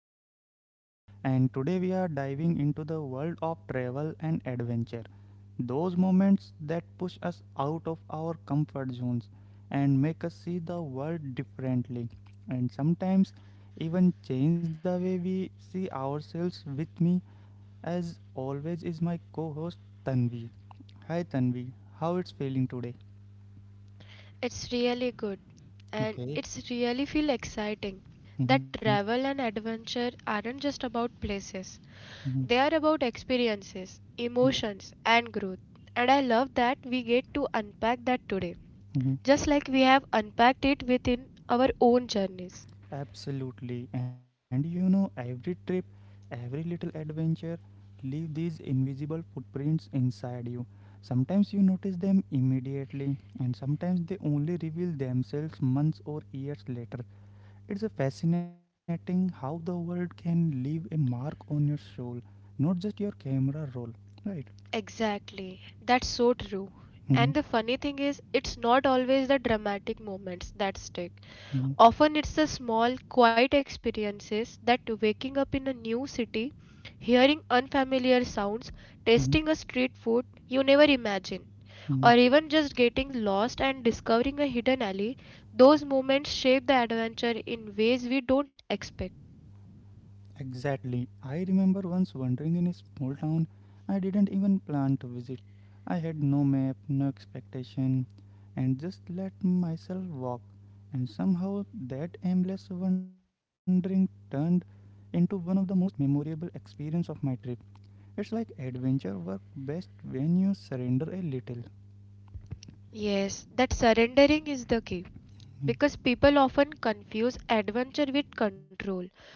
host Manish, and today we are diving into the world of travel and adventure. Those moments that push us out of our comfort zones and make us see the world differently, and sometimes even change the way we see ourselves. With me, as always, is my co host Tanvi. Hi Tanvi, how it's feeling today? It's really good and Okay. it's really feel exciting that Mm-hmm. travel and adventure aren't just about places. Mm-hmm. They are about experiences, Yeah. emotions and growth. And I love that we get to unpack that today. Just Mm-hmm. like we have unpacked it within our own journeys. Absolutely. And you know, every trip, every little adventure leave these invisible footprints inside you. Sometimes you notice them immediately, and sometimes they only reveal themselves months or years later. It's a fascinating how the world can leave a mark on your soul, not just your camera roll. Right? Exactly. That's so true. Hmm. And the funny thing is, it's not always the dramatic moments that stick. Hmm. Often it's the small, quiet experiences that waking up in a new city, hearing unfamiliar sounds, tasting a street food you never imagine, or Hmm. even just getting lost and discovering a hidden alley. Those moments shape the adventure in ways we don't expect. Exactly. I remember once wandering in a small town I didn't even plan to visit. I had no map, no expectation, and just let myself walk. And somehow that aimless wandering turned into one of the most memorable experience of my trip. It's like adventure work best when you surrender a little. Yes, that surrendering is the key Mm. because people often confuse adventure with control.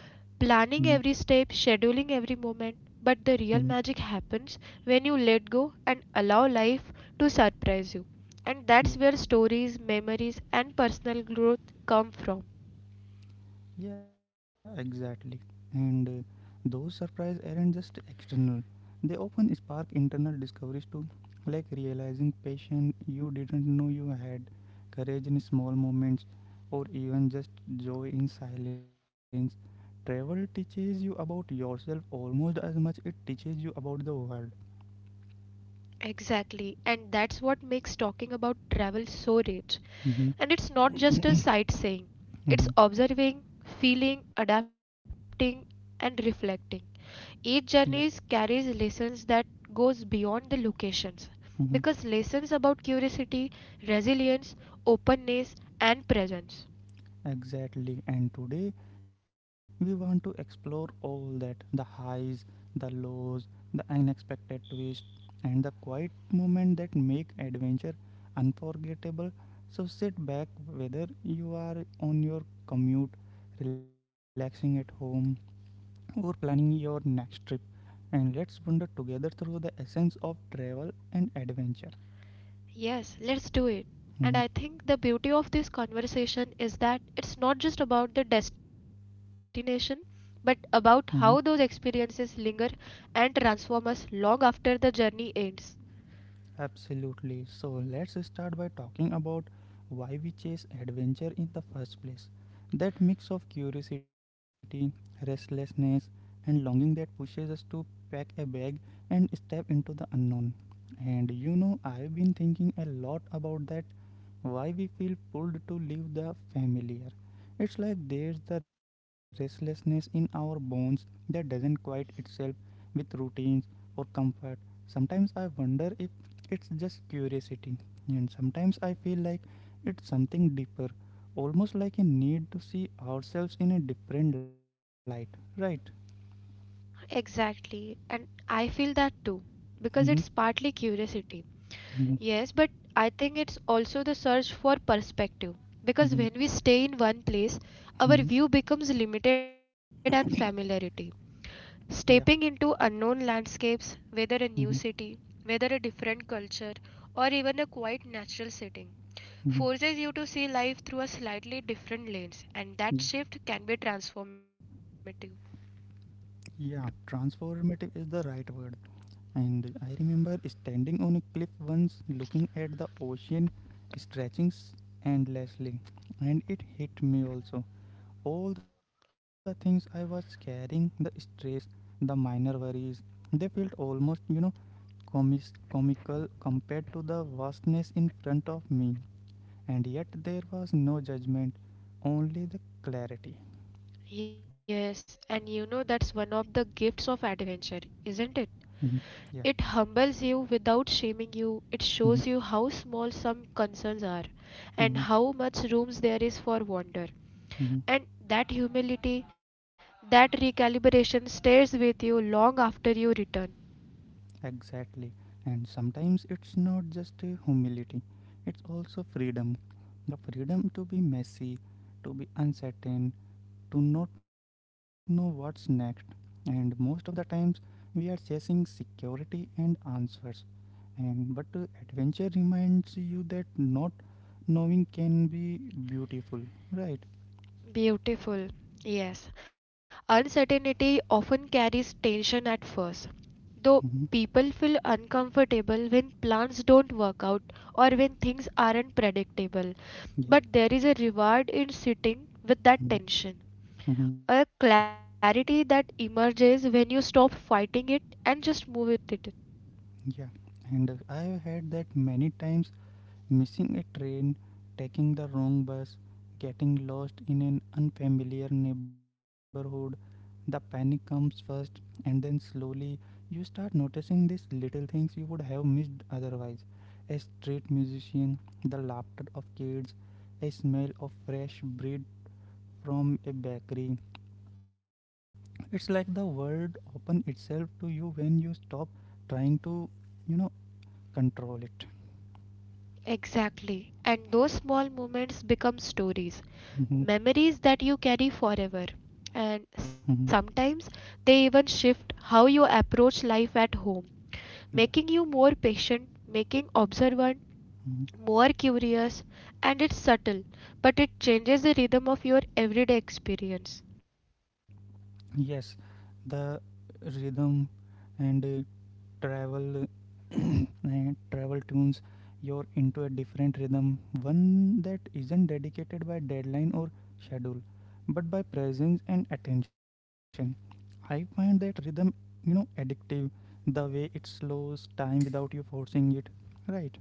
Mm. Planning every step, scheduling every moment. But the Mm. real magic happens when you let go and allow life to surprise you. And Yeah. that's where stories, memories, and personal growth come from. Yeah, exactly. And those surprises aren't just external, they often spark internal discoveries too, like realizing passion you didn't know you had, courage in small moments, or even just joy in silence. Travel teaches you about yourself almost as much it teaches you about the world. Exactly, and that's what makes talking about travel so rich. Mm-hmm. And it's not just a sightseeing, it's Mm-hmm. observing, feeling, adapting, and reflecting. Each Yeah. journey carries lessons that goes beyond the locations Mm-hmm. because lessons about curiosity, resilience, openness and presence. Exactly. And today we want to explore all that the highs, the lows, the unexpected twist, and the quiet moment that make adventure unforgettable. So sit back, whether you are on your commute, relaxing at home, or planning your next trip, and let's wander together through the essence of travel and adventure. Yes, let's do it. Mhm. And I think the beauty of this conversation is that it's not just about the destination, but about Mhm. how those experiences linger and transform us long after the journey ends. Absolutely. So let's start by talking about why we chase adventure in the first place. That mix of curiosity, restlessness, and longing that pushes us to pack a bag and step into the unknown. And you know, I've been thinking a lot about that why we feel pulled to leave the familiar. It's like there's the restlessness in our bones that doesn't quiet itself with routines or comfort. Sometimes I wonder if it's just curiosity, and sometimes I feel like it's something deeper, almost like a need to see ourselves in a different light, right? Exactly. And I feel that too, because Mhm. it's partly curiosity. Mhm. Yes, but I think it's also the search for perspective. Mhm. Because when we stay in one place, Mhm. our view becomes limited and familiarity. Yeah. Stepping into unknown landscapes, whether a new Mhm. city, whether a different culture, or even a quite natural setting, Mhm. forces you to see life through a slightly different lens, and Yeah. that shift can be transformative. Yeah. Transformative is the right word. And I remember standing on a cliff once looking at the ocean stretching endlessly, and it hit me also all the things I was carrying, the stress, the minor worries, they felt almost comical compared to the vastness in front of me. And yet there was no judgment, only the clarity. Yes, and you know that's one of the gifts of adventure, isn't it? Mhm. Yeah. It humbles you without shaming you. It Mhm. shows you how small some concerns are Mhm. and how much rooms there is for wonder. Mhm. And that humility, that recalibration stays with you long after you return. Exactly. And sometimes it's not just a humility, it's also freedom. The freedom to be messy, to be uncertain, Do not know what's next, and most of the times we are chasing security and answers. And but adventure reminds you that not knowing can be beautiful, right? Beautiful. Yes. Uncertainty often carries tension at first. Hmm. Though people feel uncomfortable when plans don't work out or when things aren't predictable, Yeah. but there is a reward in sitting with Mm-hmm. that tension. Mm-hmm. A clarity that emerges when you stop fighting it and just move with it. Yeah. And I have had that many times missing a train, taking the wrong bus, getting lost in an unfamiliar neighborhood. The panic comes first, and then slowly you start noticing these little things you would have missed otherwise. A street musician, the laughter of kids, a smell of fresh bread from a bakery. It's like the world opens itself to you when you stop trying to, you know, control it. Exactly. And those small moments become stories, Mhm. memories that you carry forever. Mhm. And sometimes they even shift how you approach life at home, Yeah. making you more patient, making observant, Mhm. more curious, and it's subtle, but it changes the rhythm of your everyday experience. Yes, the rhythm and travel and travel tunes you're into a different rhythm, one that isn't dedicated by deadline or schedule, but by presence and attention. I find that rhythm addictive the way it slows time without you forcing it, right?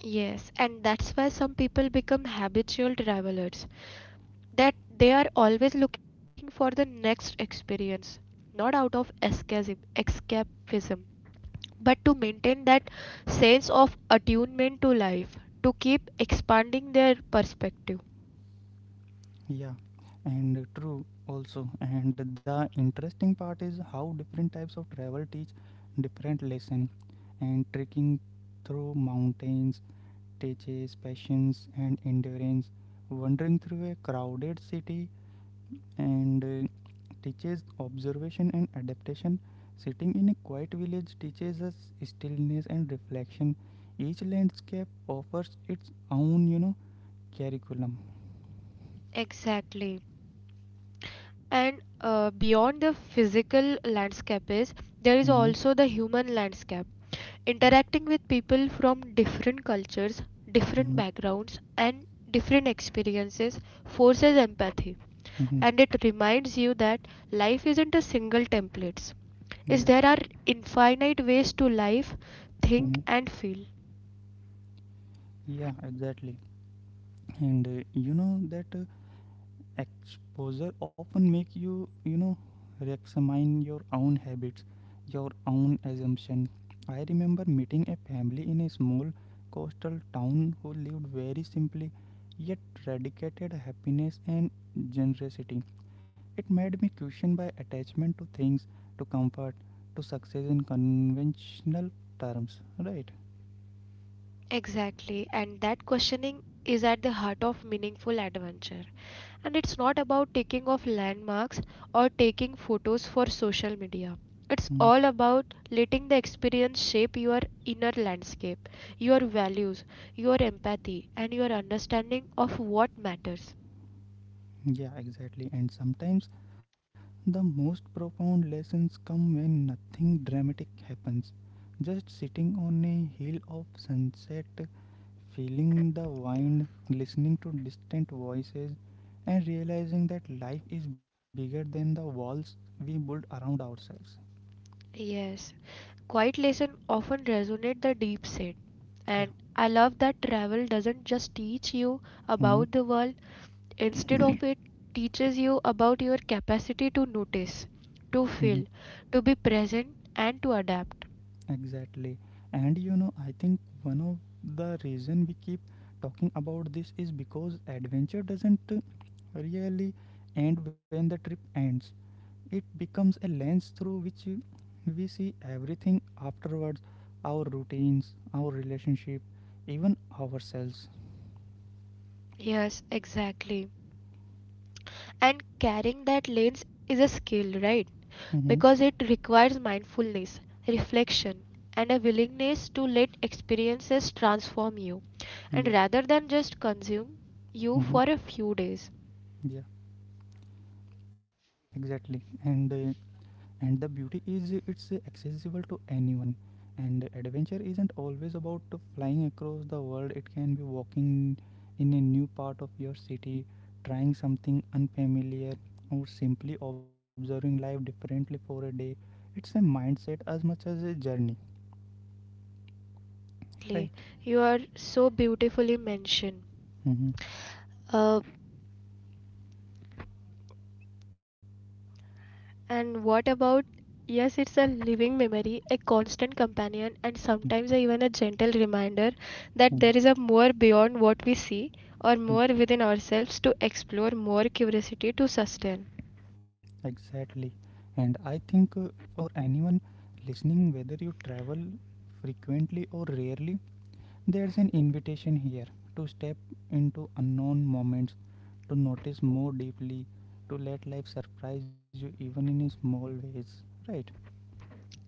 Yes, and that's why some people become habitual travelers that they are always looking for the next experience, not out of escapism, but to maintain that sense of attunement to life, to keep expanding their perspective. Yeah, and true also. And the interesting part is how different types of travel teach different lesson. And trekking through mountains teaches patience and endurance. Wandering through a crowded city and teaches observation and adaptation. Sitting in a quiet village teaches us stillness and reflection. Each landscape offers its own curriculum. Exactly. And beyond the physical landscape is there is Hmm. also the human landscape. Yeah. Interacting with people from different cultures, different Hmm. backgrounds, and different experiences forces empathy and it reminds you that life isn't a single template. Is Yeah. there are infinite ways to life think Mhm. and feel. Yeah, exactly. And you know that exposure often make you re-examine your own habits, your own assumption. I remember meeting a family in a small coastal town who lived very simply, yet radicated happiness and generosity. It made me question my attachment to things, to comfort, to success in conventional terms. Right. Exactly, and that questioning is at the heart of meaningful adventure. And it's not about taking off landmarks or taking photos for social media. It's Mm. all about letting the experience shape your inner landscape, your values, your empathy, and your understanding of what matters. Yeah, exactly. And sometimes the most profound lessons come when nothing dramatic happens. Just sitting on a hill of sunset, feeling the wind, listening to distant voices, and realizing that life is bigger than the walls we build around ourselves. Yes, quiet lesson often resonate the deep set. Yeah. And I love that travel doesn't just teach you Mm-hmm. about the world instead of it teaches you about your capacity to notice, Mm-hmm. to feel, to be present and to adapt. Exactly. And you know, I think one of the reason we keep talking about this is because adventure doesn't really end when the trip ends. It becomes a lens through which we see everything afterwards our routines, our relationship, even ourselves. Yes, exactly. And carrying that lens is a skill, right? Hmm. Because it requires mindfulness, reflection and a willingness to let experiences transform you and Yeah. rather than just consume you Hmm. for a few days. Yeah, exactly. And and the beauty is it's accessible to anyone and adventure isn't always about flying across the world it can be walking in a new part of your city trying something unfamiliar or simply observing life differently for a day. It's a mindset as much as a journey Exactly. right. You are so beautifully mentioned. Mm-hmm. Uh, and what about? Yes, it's a living memory, a constant companion, and sometimes even a gentle reminder that there is Mm-hmm. a more beyond what we see or Yeah. more within ourselves to explore, more curiosity to sustain. Exactly, and I think for anyone listening whether you travel frequently or rarely There's an invitation here to step into unknown moments, to notice more deeply, to let life surprise you even in small ways, right?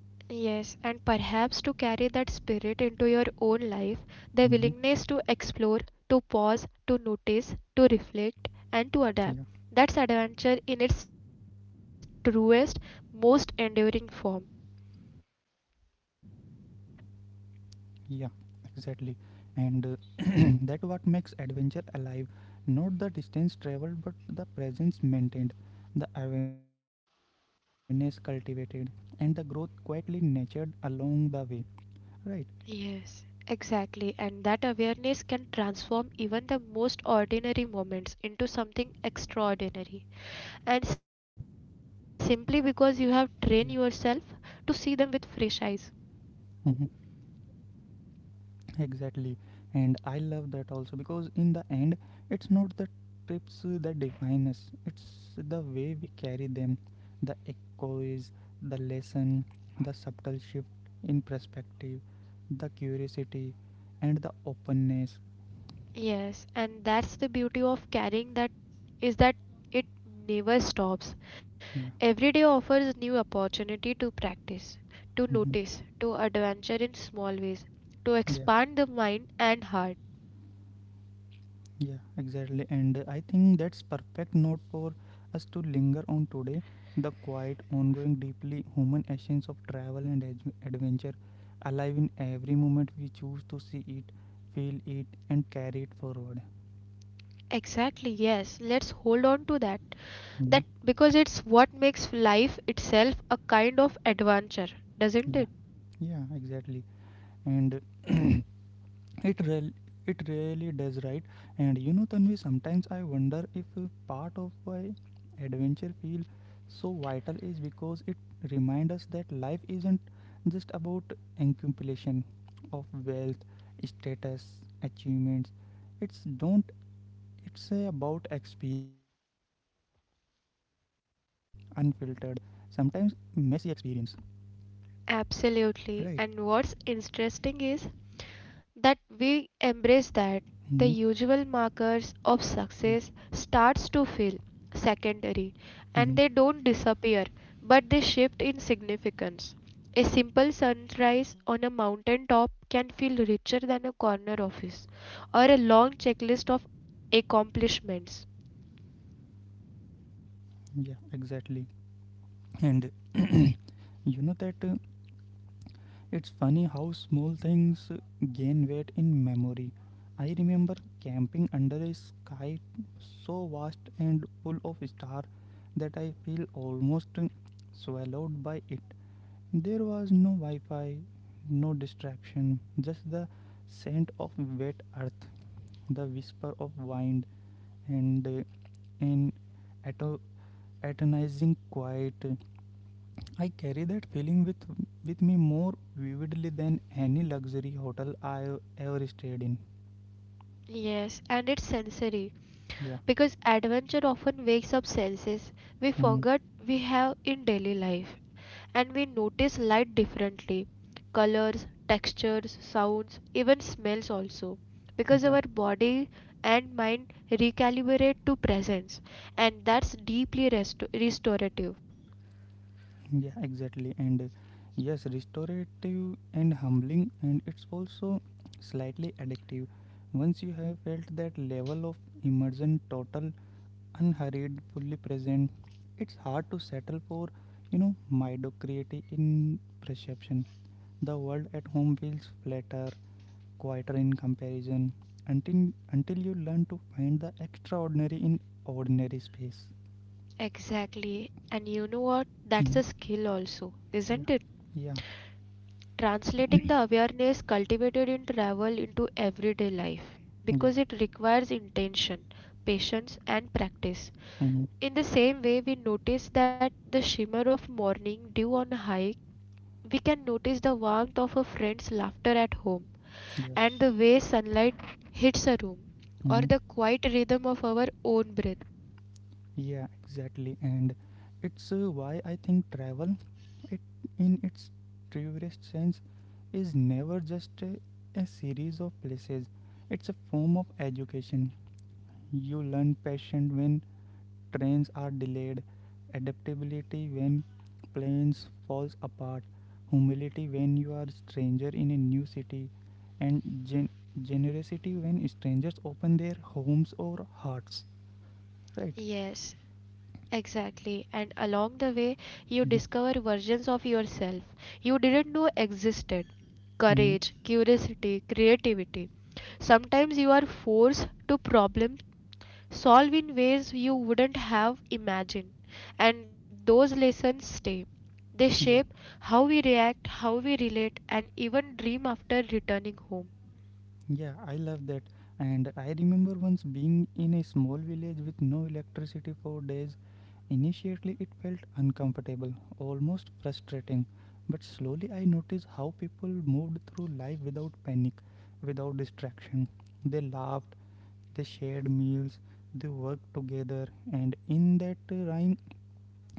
Yes, and perhaps to carry that spirit into your own life, the Hmm. willingness to explore, to pause, to notice, Yeah, to reflect, and to adapt. That's adventure in its truest, most enduring form. yeah, exactly. And that what makes adventure alive, not the distance traveled, but the presence maintained, the awareness cultivated, and the growth quietly nurtured along the way, right? Yes, exactly. And that awareness can transform even the most ordinary moments into Mhm. something extraordinary. And Yeah. simply because you have trained yourself to see them with Mhm. fresh eyes. Exactly, and I love that also because in the end, it's not the trips that define us, it's the way we carry them, the echoes, the lesson, the subtle shift in perspective, the curiosity, and the openness. Yes, and that's the beauty of carrying that is that it never stops. Yeah. Every day offers new opportunity to practice, to Mhm. notice, to adventure in small ways, to expand the mind and heart. Yeah, exactly. And I think that's perfect note for us to linger on today. The quiet, ongoing, deeply human essence of travel and adventure, alive in every moment we choose to see it, feel it, and carry it forward. Exactly, yes. Let's hold on to that. You know? That because it's what makes life itself a kind of adventure, doesn't Yeah, it? yeah, exactly. And It really, it really does, right? And you know, Tanvi, sometimes I wonder if a part of why adventure feel so vital is because it reminds us that life isn't just about accumulation of wealth, status, achievements. It's don't. It's about experiences, raw, unfiltered, sometimes messy experience, right? Absolutely. And what's interesting is that we Hmm. embrace that the usual markers of Yeah. success starts to feel secondary Hmm. and they don't disappear but they shift in significance. A simple sunrise on a mountain top can feel richer than a corner office or a long checklist of accomplishments. Yeah. Exactly. And you know that it's funny how small things gain weight in memory. I remember camping under a sky so vast and full of stars that I feel almost swallowed by it. There was no Wi Fi, no distraction, just the scent of wet earth, the whisper of wind, and an ato- atonizing quiet. I carry that feeling with me more vividly than any luxury hotel I ever stayed in. Yes, and it's sensory Yeah. because adventure often wakes up senses we Hmm. forget we have in daily life and we notice light differently, colors, textures, sounds, even smells also because Yeah. our body and mind recalibrate to presence, and that's deeply restorative. Yeah, exactly. And yes, restorative and humbling and it's also slightly addictive. Once you have felt that level of immersion, total, unhurried, fully present, it's hard to settle for mediocrity in perception. The world at home feels flatter, quieter in comparison, until you learn to find the extraordinary in ordinary space. Exactly. And you know what? That's Mhm. a skill also, isn't Yeah, it? yeah, Translating the awareness cultivated in travel into everyday life yeah. because it requires intention, patience, and practice. Mhm. In the same way, we notice that the shimmer of morning dew on a hike, we can notice the warmth of a friend's laughter at home, Yeah. and the way sunlight hits a room, or Mhm. the quiet rhythm of our own breath. Yeah, exactly. And it's why I think travel, it in its truest sense, is never just a series of places. It's a form of education. You learn passion when trains are delayed, adaptability when plans falls apart, humility when you are a stranger in a new city, and generosity when strangers open their homes or hearts. Right? Yes, exactly. And along the way, you Mm-hmm. discover versions of yourself you didn't know existed, Mm-hmm. courage, curiosity, creativity. Sometimes you are forced to problem solve in ways you wouldn't have imagined. And those lessons stay. They Yeah. shape how we react, how we relate, and even dream after returning home. Yeah, I love that. And I remember once being in a small village with no electricity for days. Initially, it felt uncomfortable, almost frustrating. But slowly, I noticed how people moved through life without panic, without distraction. They laughed, they shared meals, they worked together. And in that rhyme,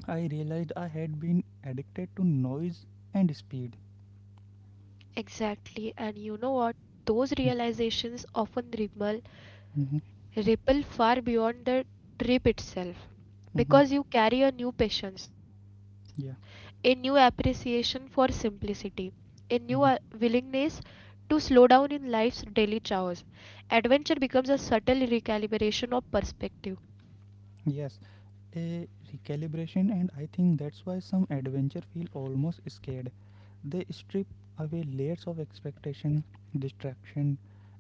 I realized I had been addicted to noise and speed. Exactly. And you know what? Those realizations often ripple Mhm. ripple far beyond the trip itself Mhm. because you carry a new patience, a Yeah. new appreciation for simplicity, a new Mm-hmm. willingness to slow down in life's daily chores. Adventure becomes a subtle recalibration of perspective. Yes, a recalibration, and I think that's why some adventure feel almost scared. They strip away layers of expectation, distraction,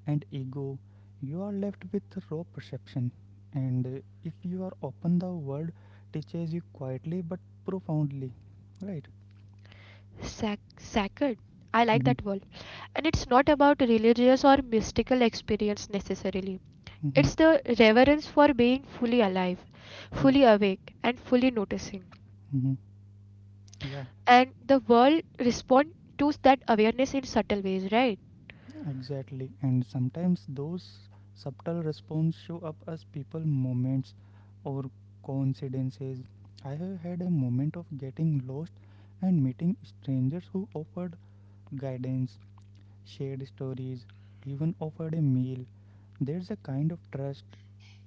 and ego. You are left with raw perception, and if you are open, the world teaches you quietly but profoundly. Right? Sacred. I like that Mm-hmm. word. And it's not about religious or mystical experience necessarily. Mm-hmm. It's the reverence for being fully alive, Yeah. fully awake, and fully noticing. Mm-hmm. And the Yeah. world respond to that awareness in subtle ways, right? Exactly, and sometimes those subtle responses show up as people moments or coincidences. I have had a moment of getting lost and meeting strangers who offered guidance, shared stories, even offered a meal. There's a kind of trust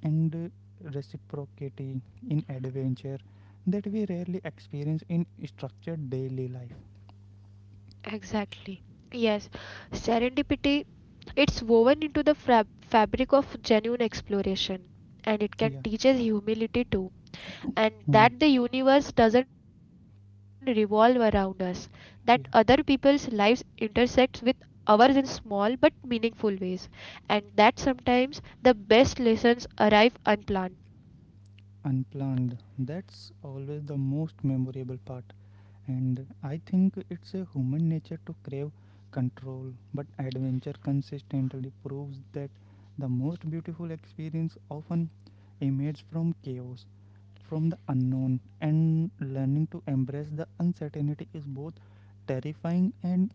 and reciprocity in adventure that we rarely experience in structured daily life. Exactly. Yes, serendipity, it's woven into the fabric of genuine exploration and it Yeah. can teach us humility too and Mm. that the universe doesn't revolve around us, that other people's Yeah. lives intersect with ours in small but meaningful ways and that sometimes the best lessons arrive unplanned. Unplanned, that's always the most memorable part. And I think it's a human nature to crave control, but adventure consistently proves that the most beautiful experience often emanates from chaos, from the unknown. And learning to embrace the uncertainty is both terrifying and,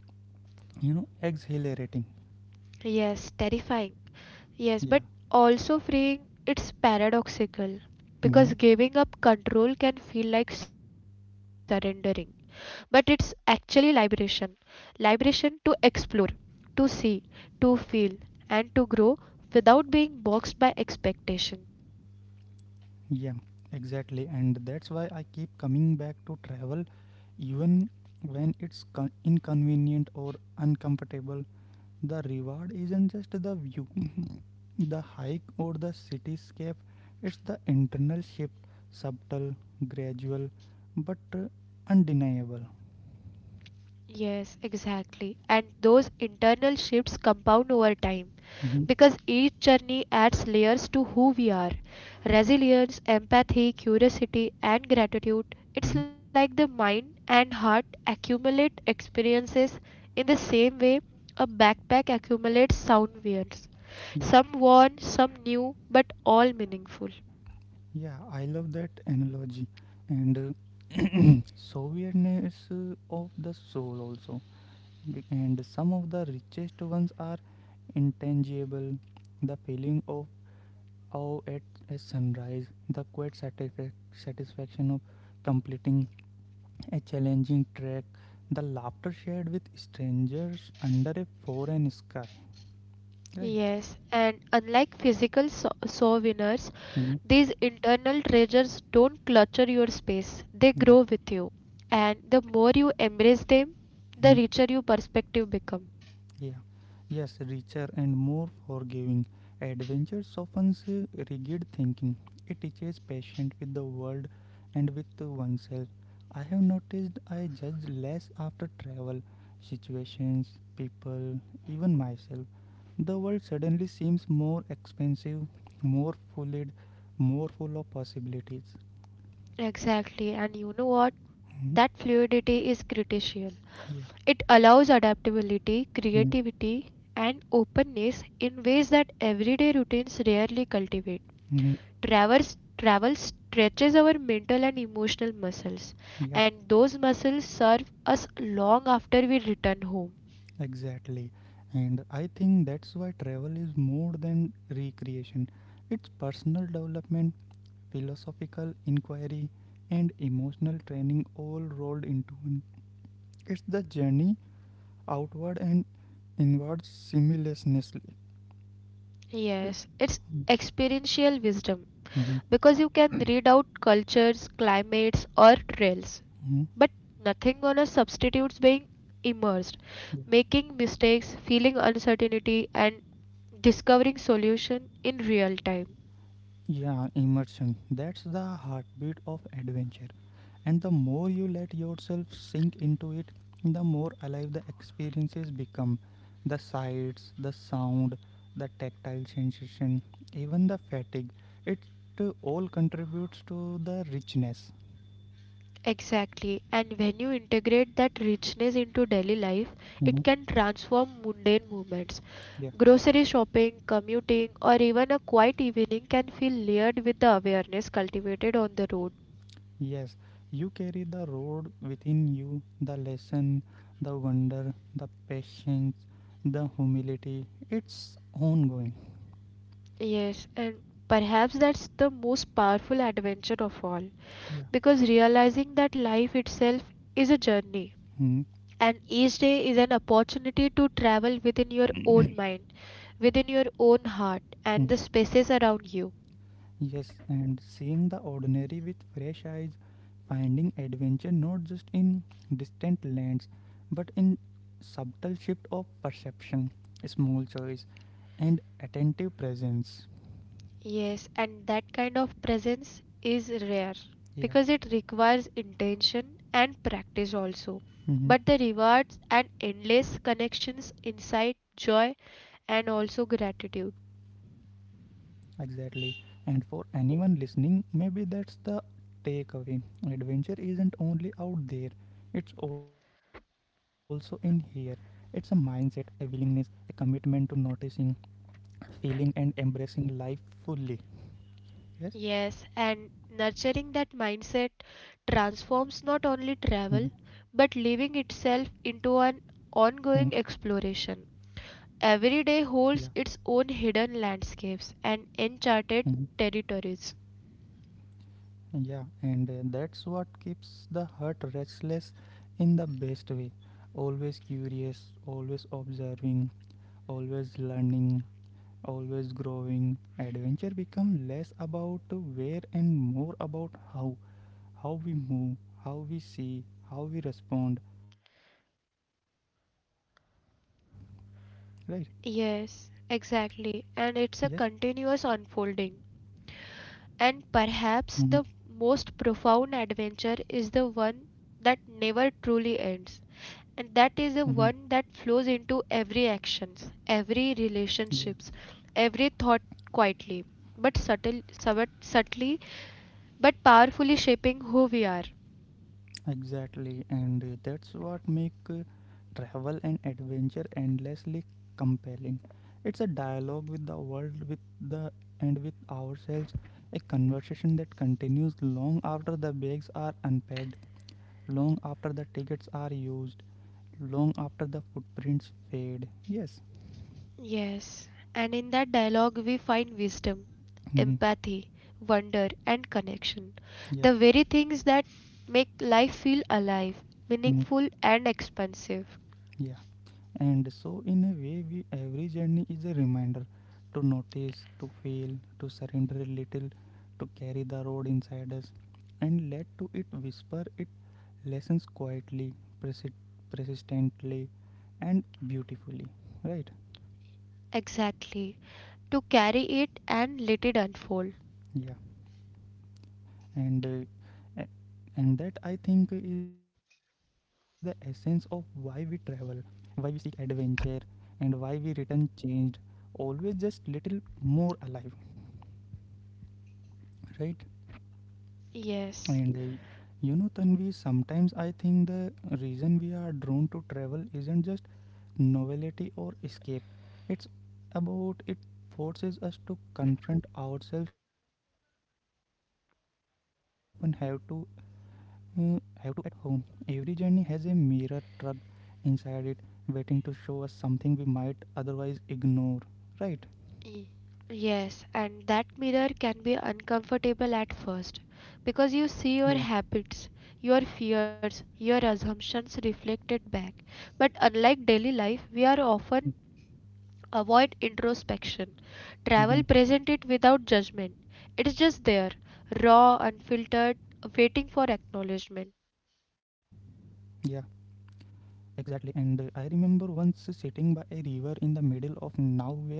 exhilarating. Yes, terrifying. Yes, but Yeah. also freeing, it's paradoxical Mm-hmm. because giving up control can feel like surrendering, but it's actually liberation. Liberation to explore, to see, to feel, and to grow without being boxed by expectation. Yeah, exactly. And that's why I keep coming back to travel, even when it's inconvenient or uncomfortable. The reward isn't just the view, the hike, or the cityscape, it's the internal shift, subtle, gradual, but undeniable. Yes, exactly. And those internal shifts compound over time. Mhm. Because each journey adds layers to who we are. Yeah. Resilience, empathy, curiosity, and gratitude. Mhm. It's like the mind and heart accumulate experiences in the same way a backpack accumulates sound waves. Yeah. Some worn, some new, but all meaningful. Yeah, I love that analogy. And so weirdness of the soul also, and some of the richest ones are intangible, the feeling of awe at a sunrise, the quiet satisfaction of completing a challenging trek, the laughter shared with strangers under a foreign sky, right? Yes, and unlike physical souvenirs, Mhm. these internal treasures don't clutter your space, they Yeah. grow with you. And the more you embrace them, the Mhm. richer your perspective become. Yeah, yes, richer and more forgiving. Adventure softens rigid thinking. It teaches patience with the world and with oneself. I have noticed I judge less after travel, situations, people, even myself. The world suddenly seems more expensive, more full, more full of possibilities. Exactly. And you know what? Mhm. That fluidity is critical. Yeah. It allows adaptability, Mhm. creativity, and openness in ways that everyday routines rarely cultivate. Mhm. Travel stretches our mental and emotional muscles, Yeah. and those muscles serve us long after we return home. Exactly. And I think that's why travel is more than recreation. It's personal development, philosophical inquiry, and emotional training all rolled into one. It's the journey outward and inward simultaneously. Right. Yes, it's experiential wisdom Mhm. because you can read out cultures, climates, or trails, Mhm. but nothing on a substitutes being immersed, making mistakes, feeling uncertainty, and discovering solution in real time. Yeah, immersion. That's the heartbeat of adventure. And the more you let yourself sink into it, the more alive the experiences become. The sights, the sound, the tactile sensation, even the fatigue. It all contributes to the richness. Exactly, and when you integrate that richness into daily life, it Mhm. can transform mundane moments. Yeah. Grocery shopping, commuting, or even a quiet evening can feel layered with the awareness cultivated on the road. Yes, you carry the road within you, the lesson, the wonder, the patience, the humility. It's ongoing. Yes, and perhaps that's the most powerful adventure of all, because realizing that life itself is a journey, Yeah. and each day is an opportunity to travel within your own mind, within your own heart, and the spaces around you. Yes, and seeing the ordinary with fresh eyes, finding adventure not just in distant lands, but in subtle shift of perception, small choice, and attentive presence. Yes, and that kind of presence is rare Yeah, because it requires intention and practice also. hmm But the rewards and endless connections, insight, joy, and also gratitude. exactly. And for anyone listening, maybe that's the takeaway. Adventure isn't only out there, it's also in here. It's a mindset, a willingness, a commitment to noticing, feeling and embracing life fully. Yes. Yes, and nurturing that mindset Mhm. transforms not only travel but living itself Mhm. into an ongoing exploration. Every day Yeah. holds its own hidden landscapes and uncharted Mhm. territories. Yeah. And that's what keeps the heart restless in the best way. Always curious, always observing, always learning, always growing. Adventure become less about where and more about how. How we move, how we see, how we respond, and how we feel. Right? Yes, exactly, and Yes. it's a continuous unfolding. And perhaps Mhm. the most profound adventure is the one that never truly ends. And that is the one that flows into every actions, every Mhm. relationships, every thought, quietly but subtly but powerfully shaping who we are. Exactly, and that's what make travel and adventure endlessly compelling. It's a dialogue with the world, with the and with ourselves, a conversation that continues long after the bags are unpacked, long after the tickets are used, long after the footprints fade. Yes. Yes, and in that dialogue we find wisdom, Mhm. empathy, wonder, and connection, Yeah. the very things that make life feel alive, Mhm. meaningful, and expansive. Yeah. And so, in a way, every journey is a reminder to notice, to feel, to surrender a little, to carry the road inside us, and let to it whisper it lessons quietly, persi- persistently, and beautifully. Right? Exactly, to carry it and let it unfold. Yeah. And uh, a- and that I think is the essence of why we travel, why we seek adventure, and why we return changed, always just little more alive. Right? Yes. And Tanvi, sometimes I think the reason we are drawn to travel isn't just novelty or escape. It's about it forces us to confront ourselves in way we don't often uh, have to at home. Every journey has a mirror tucked inside it, waiting to show us something we might otherwise ignore. Right? Y- Yes, and that mirror can be uncomfortable at first because you see your Yeah. habits, your fears, your assumptions reflected back. But unlike daily life, we are often avoid introspection. Travel Mhm. present it without judgment. It is just there, raw, unfiltered, waiting for acknowledgement. Yeah. Exactly, and I remember once sitting by a river in the middle of nowhere,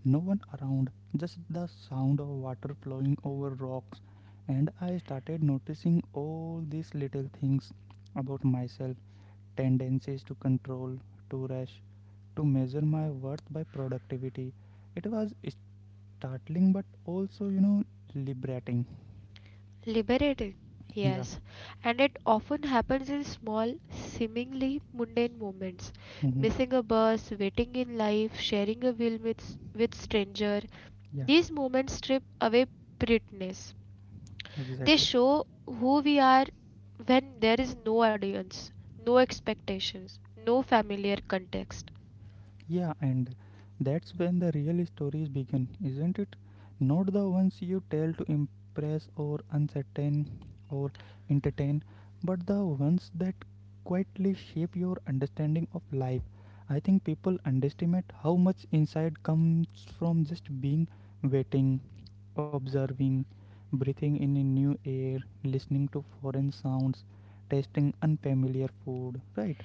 no one around, just the sound of water flowing over rocks. And I started noticing all these little things about myself, tendencies to control, to rush, to measure my worth by productivity. It was startling but also, liberating. Liberating, Yeah, yes, and it often happens in small, seemingly mundane moments. hmm Missing a bus, waiting in life, sharing a meal with, with stranger. yeah, These moments strip away pretense. They exactly. show who we are when there is no audience, no expectations, no familiar context. Yeah, and that's when the real stories begin, isn't it? Not the ones you tell to impress or uncertain or entertain, but the ones that quietly shape your understanding of life. I think people underestimate how much insight comes from just being, waiting, observing, breathing in a new air, listening to foreign sounds, tasting unfamiliar food, right?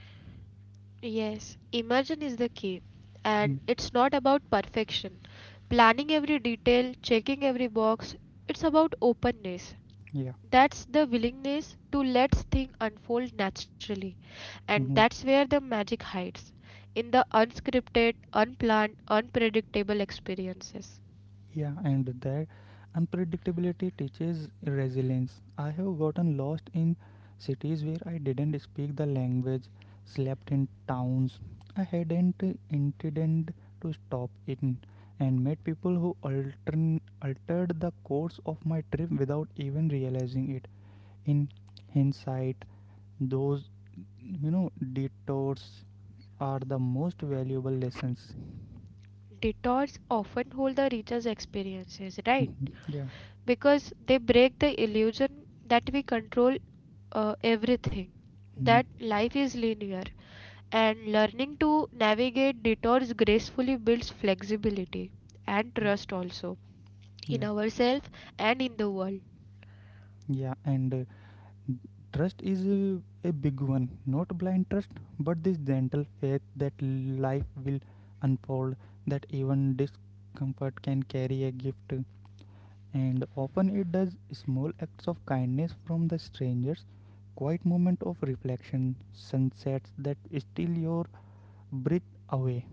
Yes, imagine is the key. And Mhm. it's not about perfection. Planning every detail, checking every box, it's about openness. Yeah. That's the willingness to let things unfold naturally. And Mhm. that's where the magic hides, in the unscripted, unplanned, unpredictable experiences. Yeah, and that unpredictability teaches resilience. I have gotten lost in cities where I didn't speak the language, slept in towns I hadn't intended to stop in, and met people who altered the course of my trip without even realizing it. In hindsight, those detours are the most valuable lessons. Detours often hold the richest experiences, right? yeah. Because they break the illusion that we control everything, Mhm. that life is linear, and learning to navigate detours gracefully builds flexibility and trust also in Yeah. ourselves and in the world. Yeah, and trust is a big one. Not blind trust, but this gentle faith that life will unfold, that even discomfort can carry a gift. And often it does, small acts of kindness from the strangers, quiet moment of reflection, sunsets that steal your breath away.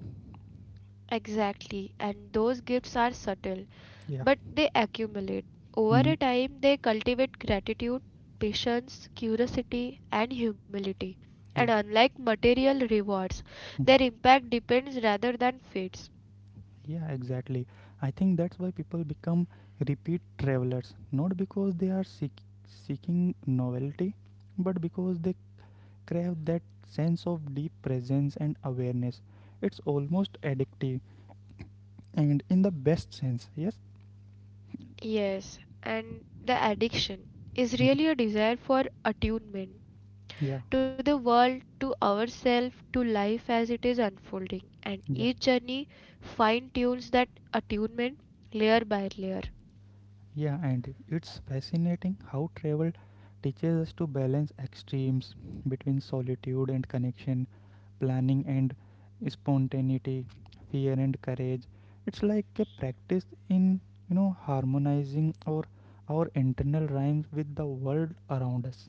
Exactly, and those gifts are subtle, Yeah. but they accumulate. Over a Mhm. time, they cultivate gratitude, patience, curiosity, and humility. Yeah. And unlike material rewards, Hmm. their impact depends rather than fades. Yeah, exactly. I think that's why people become repeat travelers, not because they are seeking novelty, but because they crave that sense of deep presence and awareness. It's almost addictive, and in the best sense, yes? Yes, and the addiction is really Mhm. a desire for attunement Yeah, to the world, to ourselves, to life as it is unfolding. And each yeah. journey fine tunes that attunement, layer by layer. Yeah, and it's fascinating how travel teaches us to balance extremes between solitude and connection, planning and spontaneity, fear and courage. It's like a practice in, harmonizing our internal rhymes with the world around us.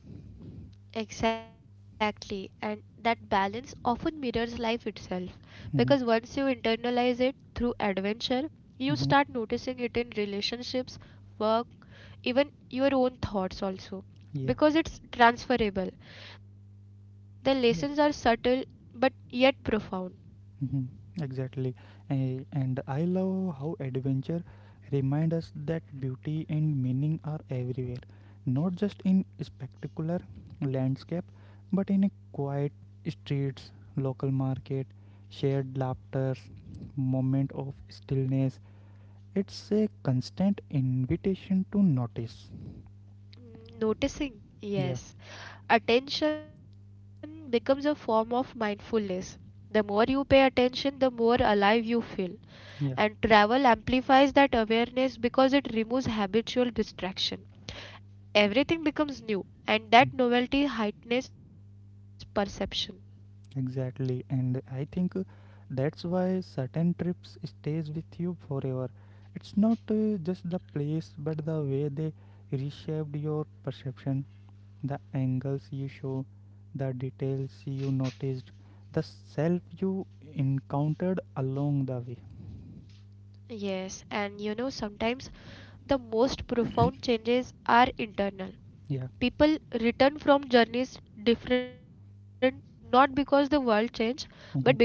Exactly, and that balance often mirrors life itself because once you Mhm. internalize it through adventure, you start Mhm. noticing it in relationships, work, even your own thoughts also, because Yeah. it's transferable. The lessons are subtle but yet profound. Mhm. Exactly. And I love how adventure reminds us that beauty and meaning are everywhere, not just in spectacular landscape, but in a quiet streets, local market, shared laughter, moment of stillness. It's a constant invitation to notice. Mm, noticing, Yeah, yes, attention becomes a form of mindfulness. The more you pay attention, the more alive you feel, and yeah. travel amplifies that awareness because it removes habitual distraction. Everything becomes new, and that novelty heightens perception. Exactly, and I think that's why certain trips stays with you forever. It's not just the place, but the way they reshaped your perception, the angles you show, the details you noticed, the self you encountered along the way. Yes, and you know, sometimes the most profound changes are internal. Yeah. People return from journeys different, not because the world changed, but because they Hmm. did.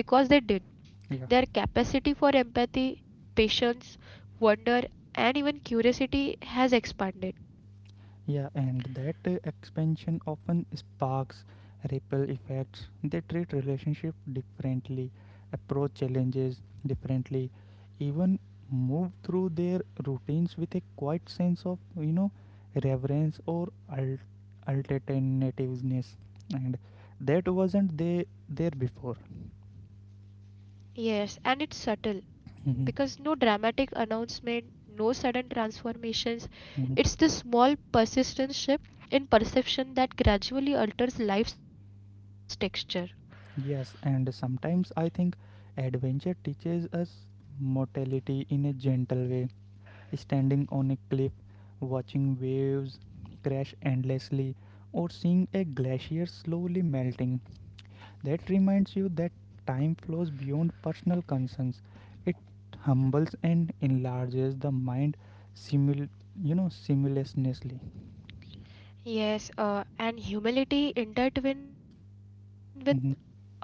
Their Yeah. capacity for empathy, patience, wonder, and even curiosity has expanded. Yeah, and that expansion often sparks ripple effects. They treat relationship differently, approach challenges differently, even move through their routines with a quiet sense of reverence or alternativeness, and that wasn't they there before. Yes, and it's subtle because no Mhm. dramatic announcement, no sudden transformations. It's Mhm. the small persistent shift in perception that gradually alters life's texture. Yes, and sometimes I think adventure teaches us mortality in a gentle way, standing on a cliff, watching waves crash endlessly, or seeing a glacier slowly melting. That reminds you that time flows beyond personal concerns. It humbles and enlarges the mind, simul- simultaneously. Yes, and humility intertwined with away, Mhm.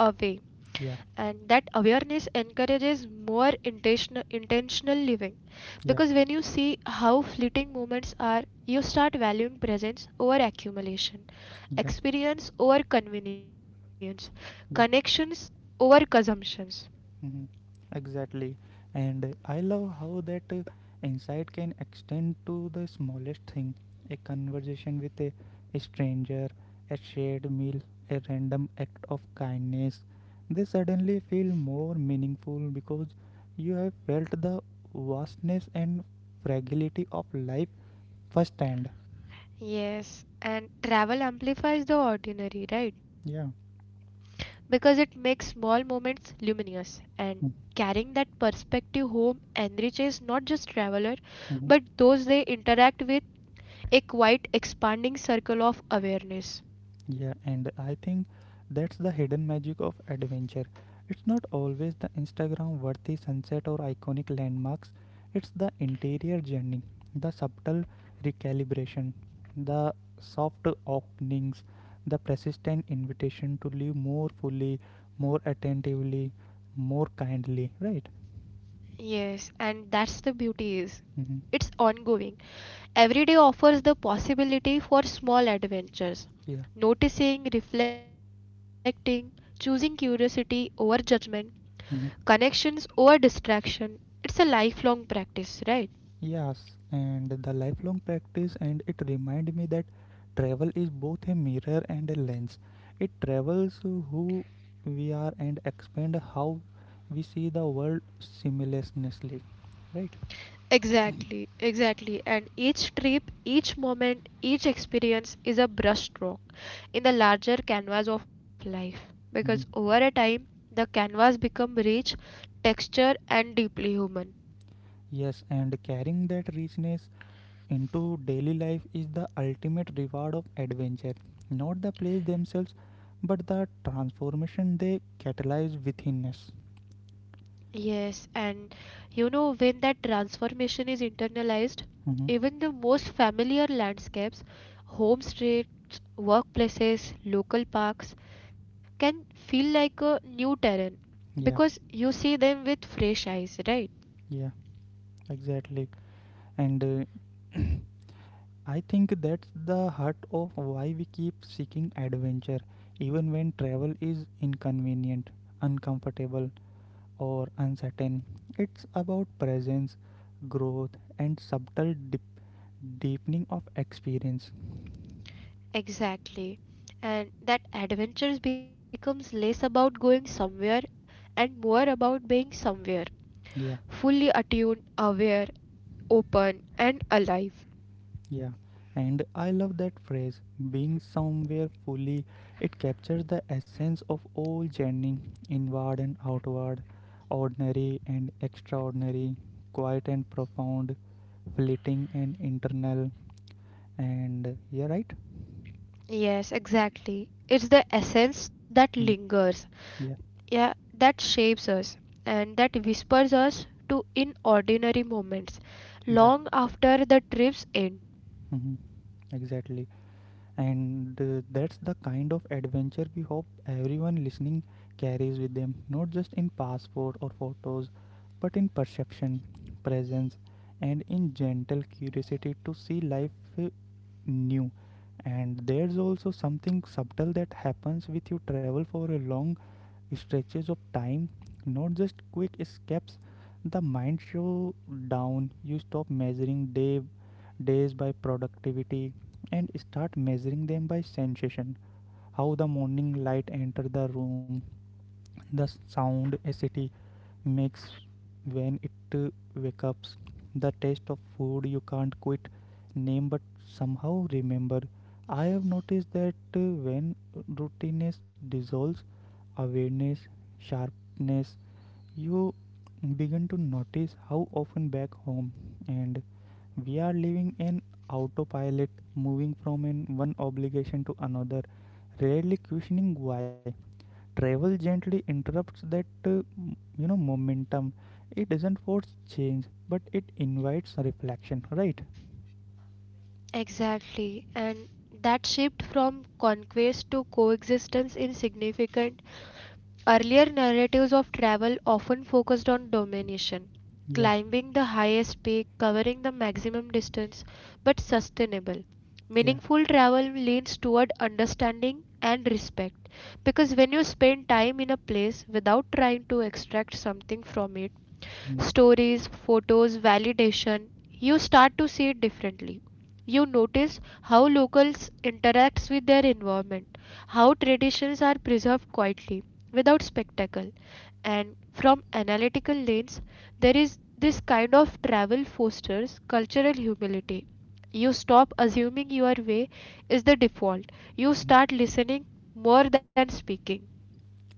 and that Yeah, awareness encourages more intentional living. Because when you yeah, see how fleeting moments are, you start valuing presence over accumulation, yeah, experience over convenience, connections yeah. over consumptions. hmm Exactly. And I love how that insight can extend to the smallest thing, a conversation with a stranger, a shared meal, a random act of kindness. They suddenly feel more meaningful because you have felt the vastness and fragility of life firsthand. Yes, and travel amplifies the ordinary, right? Yeah. Because it makes small moments luminous, and carrying that perspective home enriches not just traveler but Mhm. those they interact with, a quite expanding circle of awareness. Yeah, and I think that's the hidden magic of adventure. It's not always the Instagram worthy sunset or iconic landmarks, it's the interior journey, the subtle recalibration, the soft openings, the persistent invitation to live more fully, more attentively, more kindly, right? Yes, and that's the beauty, is Mm-hmm. it's ongoing. Every day offers the possibility for small adventures, Yeah. noticing, reflecting, choosing curiosity over judgment, Hmm. connections over distraction. It's a lifelong practice, right? Yes, and the lifelong practice, and it remind me that travel is both a mirror and a lens. It travels who we are and expand how we see the world simultaneously, right? Exactly, exactly. And each trip, each moment, each experience is a brushstroke in the larger canvas of life. Mhm. Because over a time, the canvas become rich, texture, and deeply human. Yes, and carrying that richness into daily life is the ultimate reward of adventure. Not the plays themselves, but the transformation they catalyze within us. Yes, and you know, when that transformation is internalized, Mhm. even the most familiar landscapes, home streets, workplaces, local parks, can feel like a new terrain Yeah, because you see them with fresh eyes, right? yeah, exactly. And I think that's the heart of why we keep seeking adventure, even when travel is inconvenient, uncomfortable, or uncertain. It's about presence, growth, and subtle deepening of experience. Exactly. And that adventure becomes less about going somewhere and more about being somewhere, Yeah. fully attuned, aware, open, and alive. Yeah, and I love that phrase, being somewhere fully. It captures the essence of all journey, inward and outward, ordinary and extraordinary, quiet and profound, fleeting and internal. And yeah, right? Yes, exactly. It's the essence that Mm, lingers, yeah, yeah, that shapes us, and that whispers us to in ordinary moments, yeah, long after the trips end. hmm exactly. And that's the kind of adventure we hope everyone listening carries with them, not just in passport or photos, but in perception, presence, and in gentle curiosity to see life uh, new. And there's also something subtle that happens with you travel for a long stretches of time, not just quick escapes. The mind slows down. You stop measuring days by productivity and start measuring them by sensation. How the morning light enter the room, the sound a city makes when it wakes up, the taste of food you can't quit name but somehow remember. I have noticed that when routineness dissolves, awareness sharpness, you begin to notice how often back home and we are living an autopilot, moving from an one obligation to another, rarely questioning why. Travel gently interrupts that momentum. It doesn't force change, but it invites reflection, right? Exactly. And that shift from conquest to coexistence is significant. Earlier narratives of travel often focused on domination, Yeah, climbing the highest peak, covering the maximum distance, but sustainable. yeah. Meaningful travel leans toward understanding and respect because when you spend time in a place without trying to extract something from it, Mhm, stories, photos, validation, you start to see it differently. You notice how locals interacts with their environment, how traditions are preserved quietly without spectacle. And from analytical lens, there is this kind of travel fosters cultural humility. You stop assuming your way is the default. You start mhm. listening more than speaking.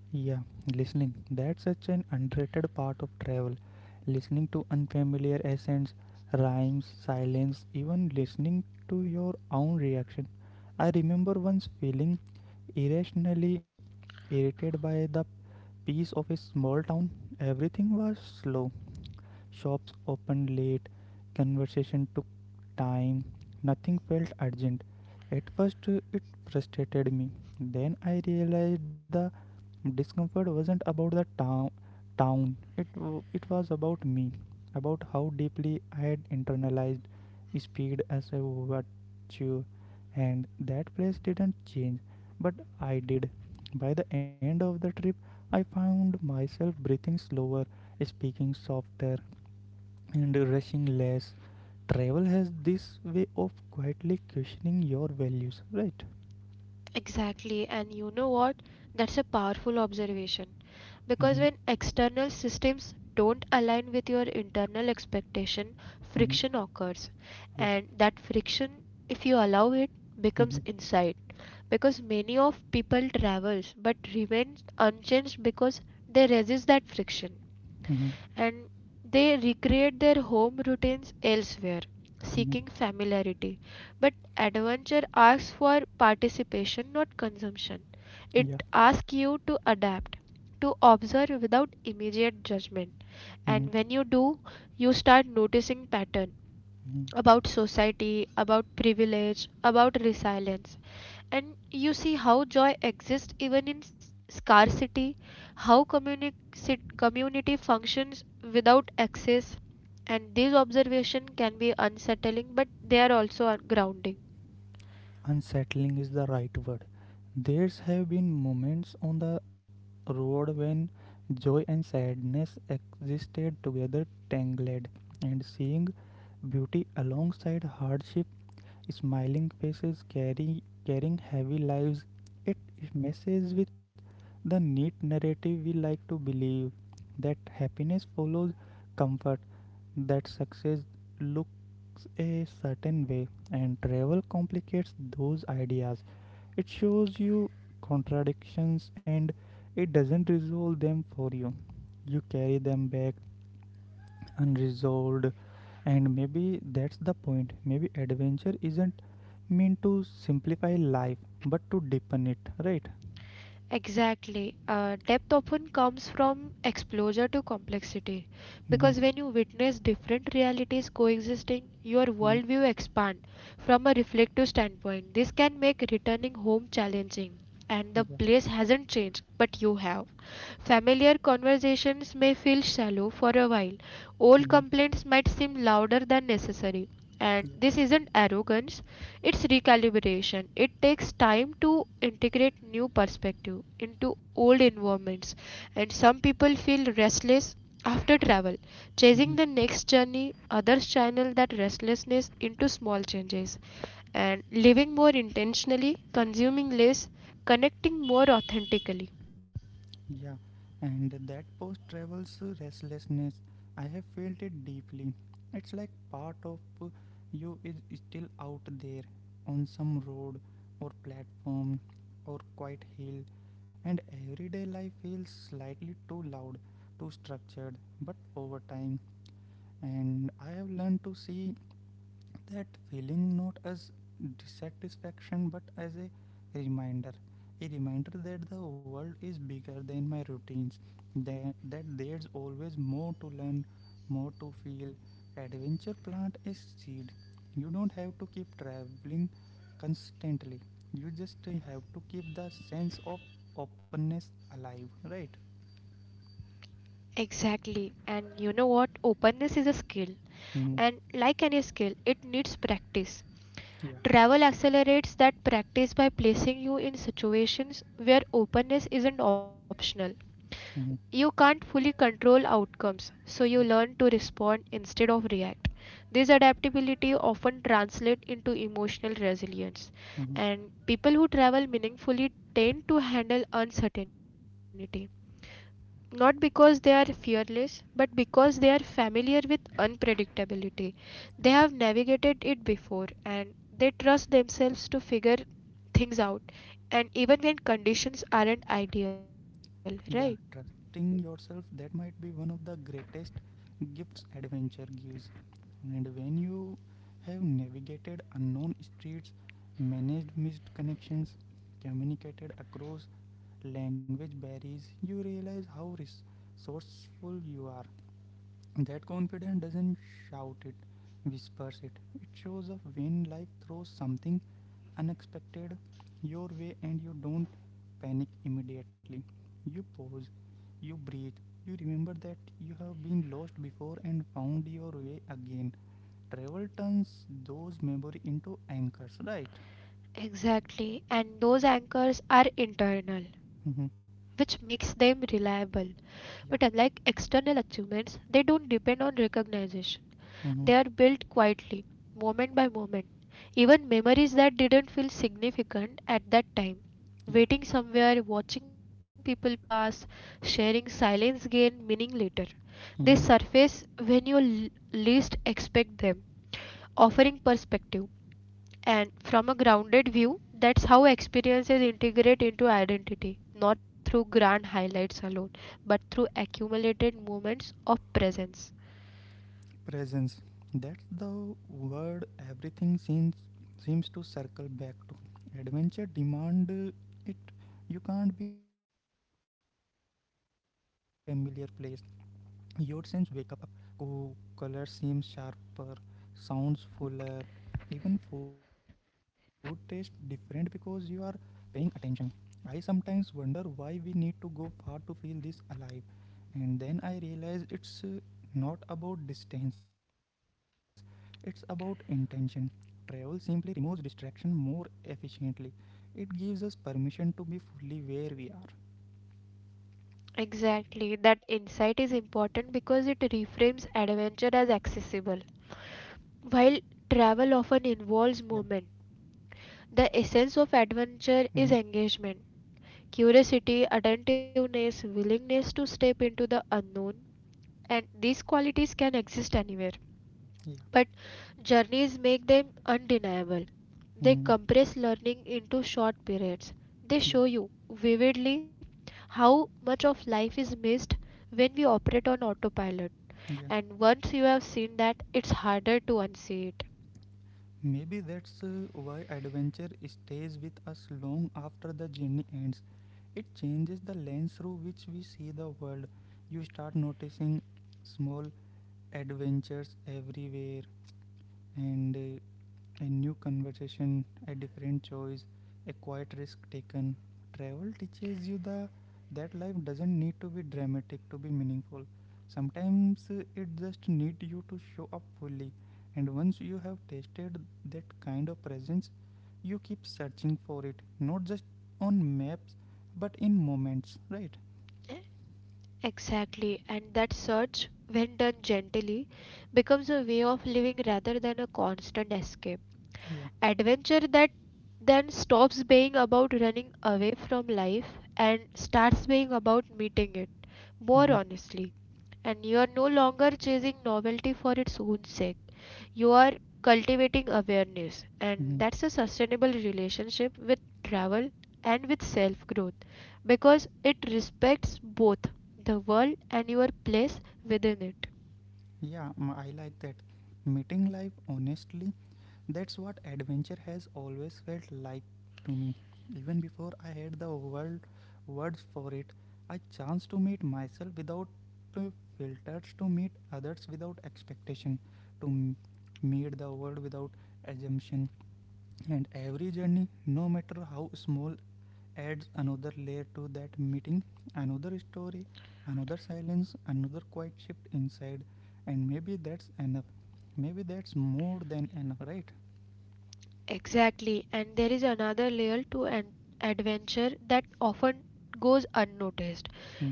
Yeah, listening. That's such an underrated part of travel. Listening to unfamiliar accents, rhymes, silence, even listening to your own reaction. I remember once feeling irrationally irritated by the peace of a small town. Everything was slow, shops opened late, conversation took time, nothing felt urgent. At first, it frustrated me. Then I realized the discomfort wasn't about the town. It was about me, about how deeply I had internalized speed as a virtue, and that place didn't change, but I did. By the end of the trip, I found myself breathing slower, speaking softer, and rushing less. Travel has this way of quietly questioning your values, right? Exactly, and you know what? That's a powerful observation. Mm-hmm. Because when external systems don't align with your internal expectation, Mm-hmm. friction occurs. Yeah. And that friction, if you allow it, becomes Mm-hmm. inside. Because many of people travels but remains unchanged because they resist that friction Mm-hmm. and they recreate their home routines elsewhere, Mm-hmm. seeking familiarity. But adventure asks for participation, not consumption. It Yeah. asks you to adapt, to observe without immediate judgment. Mm-hmm. And when you do, you start noticing pattern Mm-hmm. about society, about privilege, about resilience. And you see how joy exists even in scarcity, how community functions without access. And these observations can be unsettling, but they are also grounding. Unsettling is the right word. There's have been moments on the road when joy and sadness existed together, tangled, and seeing beauty alongside hardship. Smiling faces carrying heavy lives. It messes with the neat narrative we like to believe, that happiness follows comfort, that success looks a certain way, and travel complicates those ideas. It shows you contradictions, and it doesn't resolve them for you. You carry them back unresolved, and maybe that's the point. Maybe adventure isn't meant to simplify life but to deepen it, right? Exactly. Depth often comes from exposure to complexity Mm-hmm. because when you witness different realities coexisting, your Mm-hmm. worldview expands from a reflective standpoint. This can make returning home challenging, and the Yeah. place hasn't changed, but you have. Familiar conversations may feel shallow for a while. Old Hmm. complaints might seem louder than necessary. And Yeah. this isn't arrogance, it's recalibration. It takes time to integrate new perspective into old environments. And some people feel restless after travel, chasing the Mm-hmm. next journey. Others channel that restlessness into small changes and living more intentionally, consuming less, connecting more authentically. Yeah, and that post travels restlessness. I have felt it deeply. It's like part of you is still out there on some road or platform or quiet hill, and everyday life feels slightly too loud, too structured. But over time, and I have learned to see that feeling not as dissatisfaction but as a reminder. A reminder that the world is bigger than my routines, that there's always more to learn, more to feel. Adventure plant a seed. You don't have to keep traveling constantly. You just have to keep the sense of openness alive, right? Exactly. And you know what? Openness is a skill. Mm-hmm. And like any skill, it needs practice. Yeah. Travel accelerates that practice by placing you in situations where openness isn't optional. Mm-hmm. You can't fully control outcomes, so you Yeah. learn to respond instead of react. This adaptability often translates into emotional resilience, Mm-hmm. and people who travel meaningfully tend to handle uncertainty not because they are fearless, but because they are familiar with unpredictability. They Yeah. have navigated it before and they trust themselves to figure things out, and even when conditions aren't ideal, right? Yeah, trusting yourself, that might be one of the greatest gifts adventure gives. And when you have navigated unknown streets, managed missed connections, communicated across language barriers, you realize how resourceful you are. That confidence doesn't shout it, whispers it. It shows up when life throws something unexpected your way and you don't panic immediately. You pause, you breathe, you remember that you have been lost before and found your way again. Travel turns those memory into anchors, right? Exactly, and those anchors are internal, Mm-hmm. which makes them reliable. But unlike Yeah. external achievements, they don't depend on recognition. They are Mm-hmm. built quietly, moment by moment. Even memories that didn't feel significant at that time. Yeah. Waiting somewhere, watching people pass, sharing silence gain meaning later. They Mm-hmm. surface when you least expect them, offering perspective. And from a grounded view, that's how experiences integrate into identity, not through grand highlights alone, but through accumulated moments of presence. Presence. That's the word everything seems to circle back to. Adventure demand it. You can't be half there in an unfamiliar place. Your sense wake up, co- color seems sharper, sounds fuller, even food tastes different because you are paying attention. I sometimes wonder why we need to go far to feel this alive, and then I realize it's not about distance, it's about intention. Travel simply removes distraction more efficiently. It gives us permission to be fully where we are. Exactly. That insight is important because it reframes adventure as accessible. While Yeah. travel often involves movement, the essence Hmm. of adventure is engagement, curiosity, attentiveness, willingness to step into the unknown, and these qualities can exist anywhere. Yeah. But journeys make them undeniable. They Hmm. compress learning into short periods. They Yeah, show you vividly how much of life is missed when we operate on autopilot. yeah. And once you have seen that, it's harder to unsee it. Maybe that's why adventure stays with us long after the journey ends. It changes the lens through which we see the world. You start noticing small adventures everywhere, and a new conversation, a different choice, a quiet risk taken. Travel teaches you the that life doesn't need to be dramatic to be meaningful. Sometimes it just needs you to show up fully. And once you have tasted that kind of presence, you keep searching for it, not just on maps, but in moments, right? Exactly, and that search, when done gently, becomes a way of living rather than a constant escape. Yeah. Adventure that then stops being about running away from life and starts being about meeting it more Hmm. honestly. And you are no longer chasing novelty for its own sake. You are cultivating awareness, and Hmm. that's a sustainable relationship with travel and with self growth because it respects both the world and your place within it. Yeah, m- I like that. Meeting life honestly. That's what adventure has always felt like to me. Even before I had the words for it, I chanced to meet myself without uh, filters, to meet others without expectation, to meet the world without assumption. And every journey, no matter how small, adds another layer to that meeting, another story, another silence, another quiet shift inside. And maybe that's enough. Maybe that's more than enough, right? Exactly, and there is another layer to an adventure that often goes unnoticed,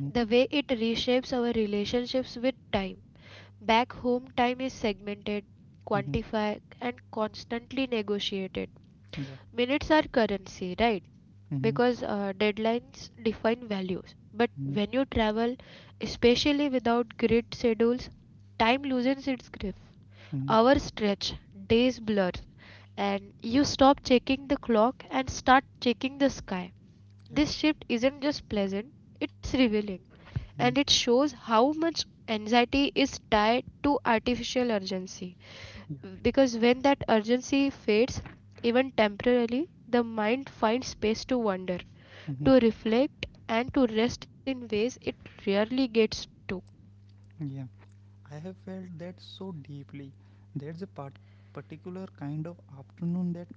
the way it reshapes our relationships with time. Back home, time is segmented, Mm-hmm. quantified, and constantly negotiated. Yeah. Minutes are currency, right? Mm-hmm. Because deadlines define values. But Mm-hmm. when you travel, especially without grid schedules, time loosens its grip. Mm-hmm. Hours stretch, days blur, and you stop checking the clock and start checking the sky. Yeah. This shift isn't just pleasant, it's revealing, and it Mm-hmm. shows how much anxiety is tied to artificial urgency. Yeah. Because when that urgency fades, even temporarily, the mind finds space to wander, Mm-hmm. to reflect, and to rest in ways it rarely gets to. Yeah. I have felt that so deeply. There's a particular kind of afternoon that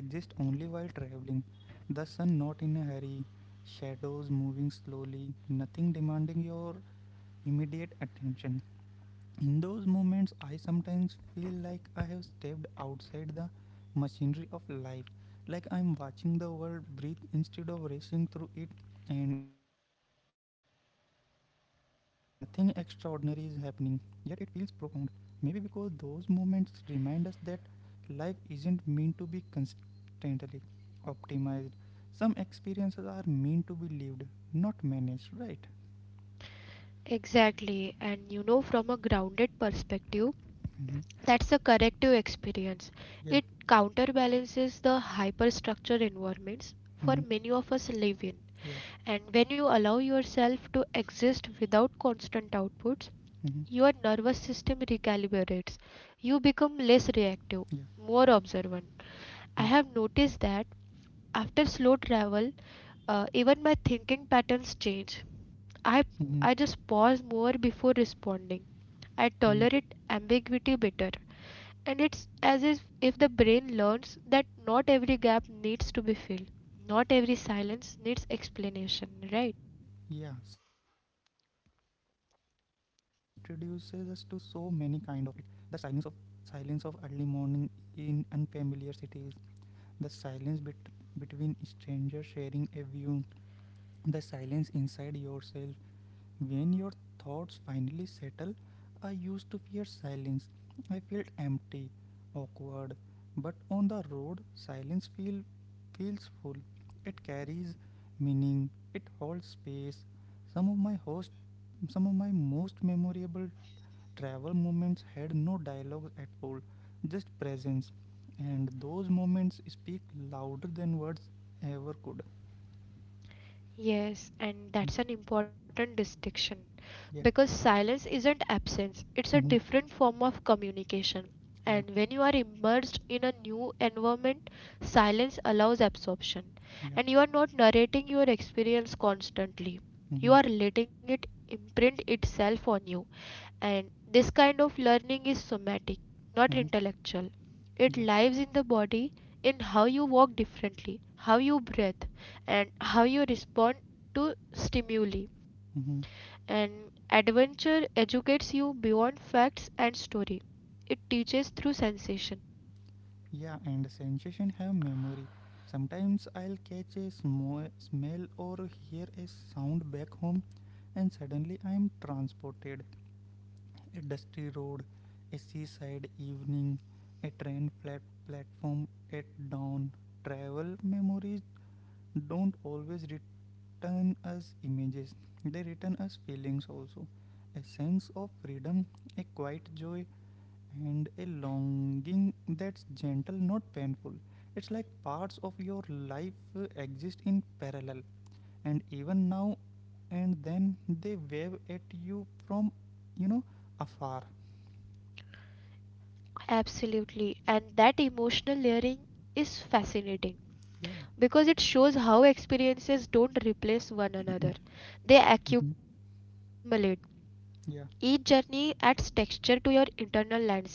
exists only while traveling. The sun not in a hurry, shadows moving slowly, nothing demanding your immediate attention. In those moments, I sometimes feel like I have stepped outside the machinery of life, like I'm watching the world breathe instead of racing through it, and it's strange because nothing extraordinary is happening, yet it feels profound. Maybe because those moments remind us that life isn't meant to be constantly optimized. Some experiences are meant to be lived, not managed, right? Exactly, and you know, from a grounded perspective, Hmm. that's a corrective experience. Yeah. It counterbalances the hyperstructure environments for Hmm. many of us live in. Yeah. And when you allow yourself to exist without constant outputs, Hmm. your nervous system recalibrates. You Yeah. become less reactive, more observant. Mm. I have noticed that after slow travel, even my thinking patterns change. I, Hmm. I just pause more before responding. I Mm. tolerate ambiguity better. And it's as if the brain learns that not every gap needs to be filled, not every silence needs explanation, right? Yeah, silence travel introduces us to so many kind of it. The silence of early morning in unfamiliar cities, the silence between strangers sharing a view, the silence inside yourself, when your thoughts finally settle. I used to fear silence. I felt empty, awkward, but on the road, feels full. It carries meaning. It holds space. Some of my host, some of my most memorable travel moments had no dialogue at all, just presence, and those moments speak louder than words ever could. Yes, and that's an important distinction because Yeah. silence isn't absence, it's a Mhm. different form of communication. Yeah. And when you are immersed in a new environment, silence allows absorption. Yeah. And you are not narrating your experience constantly, you Mhm. are letting it imprint itself on you. And this kind of learning is somatic, not Mhm. intellectual. It Yeah. lives in the body, in how you walk differently, how you breathe, and how you respond to stimuli. Mhm. And adventure educates you beyond facts and story. It teaches through sensation. Yeah, and sensation have memory. Sometimes I'll catch a smell or hear a sound back home, and suddenly I'm transported. A dusty road, a seaside evening, a train flat platform at dawn. Travel memories don't always return us images; they return us feelings also. A sense of freedom, a quiet joy, and a longing that's gentle, not painful. It's like parts of your life exist in parallel, and even now and then they wave at you from, you know, afar. Absolutely. And that emotional layering is fascinating Yeah. because it shows how experiences don't replace one another, they Hmm. accumulate. Each Yeah. journey adds texture to your internal landscape.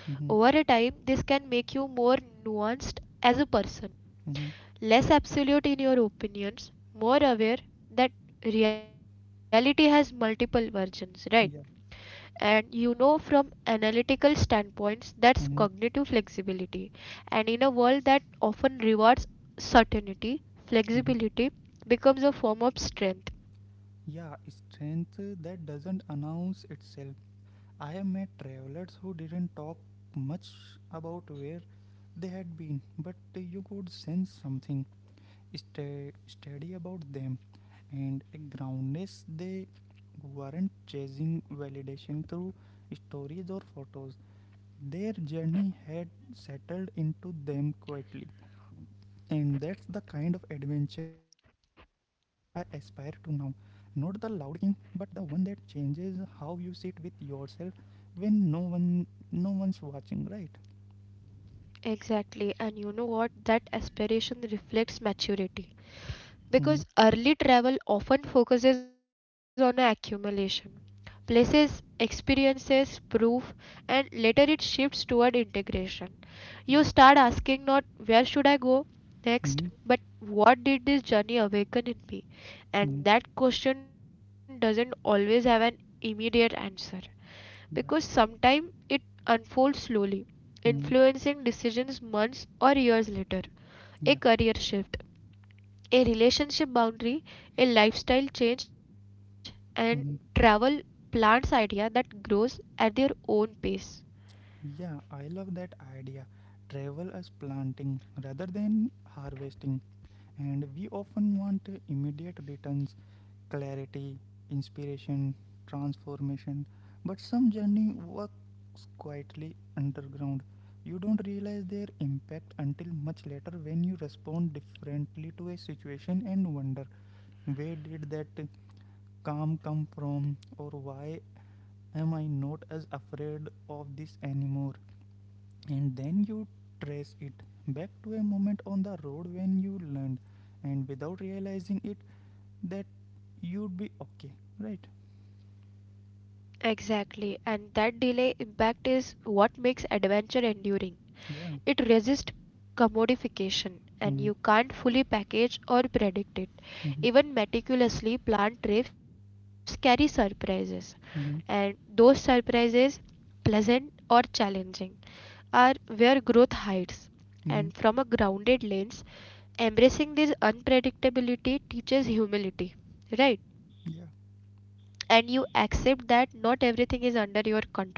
Over Mm-hmm. a time, this can make you more nuanced as a person, Mm-hmm. less absolute in your opinions, more aware that reality has multiple versions, right? Yeah. And you know, from analytical standpoints, that's Mm-hmm. cognitive flexibility. And in a world that often rewards certainty, Mm-hmm. flexibility becomes a form of strength. Yeah. Strength that doesn't announce itself. I have met travelers who didn't talk much about where they had been, but you could sense something steady about them, and a groundness. They weren't chasing validation through stories or photos. Their journey had settled into them quietly, and that's the kind of adventure I aspire to now, not the loud king, but the one that changes how you sit with yourself when no one's watching, right? Exactly, and you know what? That aspiration reflects maturity Mm-hmm. because early travel often focuses on accumulation, places, experiences, proof, and later it shifts toward integration. You Yeah. start asking not where should I go Mm-hmm. next, but what did this journey awaken in me? Mm-hmm. And that question doesn't always have an immediate answer because Yeah. sometimes it unfolds slowly, Mm-hmm. influencing decisions months or years later. Yeah. A career shift, a relationship boundary, a lifestyle change, and Mm-hmm. travel plants idea that grows at their own pace. Yeah, I love that idea. Travel as planting rather than harvesting. And we often want immediate returns, clarity, inspiration, transformation. But some journey works quietly underground. You don't realize their impact until much later when you respond differently to a situation and wonder, where did that calm come from, or why am I not as afraid of this anymore? And then you trace it back to a moment on the road when you learned, and without realizing it, that you'd be okay, right? Exactly, and that delay impact is what makes adventure enduring. Yeah. It resists commodification, Mm-hmm. and you can't fully package or predict it. Mm-hmm. Even meticulously planned trips carry surprises, and Mm-hmm. those surprises, pleasant or challenging, are where growth hides. And from a grounded lens, embracing this unpredictability teaches humility, right? Yeah. And you accept that not everything is under your control,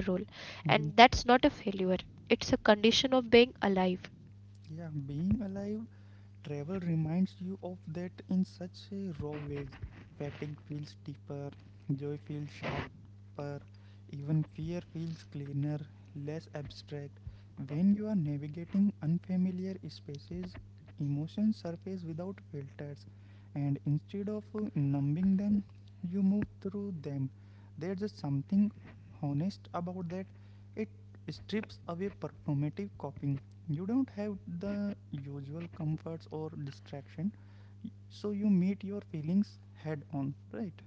and Mm-hmm. that's not a failure, it's a condition of being alive. Yeah, being alive. Travel reminds you of that in such a raw way. Fatigue feels deeper, joy feels sharper, even fear feels cleaner, less abstract. When you are navigating unfamiliar spaces, emotions surface without filters, and instead of numbing them, you move through them. There's just something honest about that. It strips away performative coping. You don't have the usual comforts or distraction, so you meet your feelings head on, right?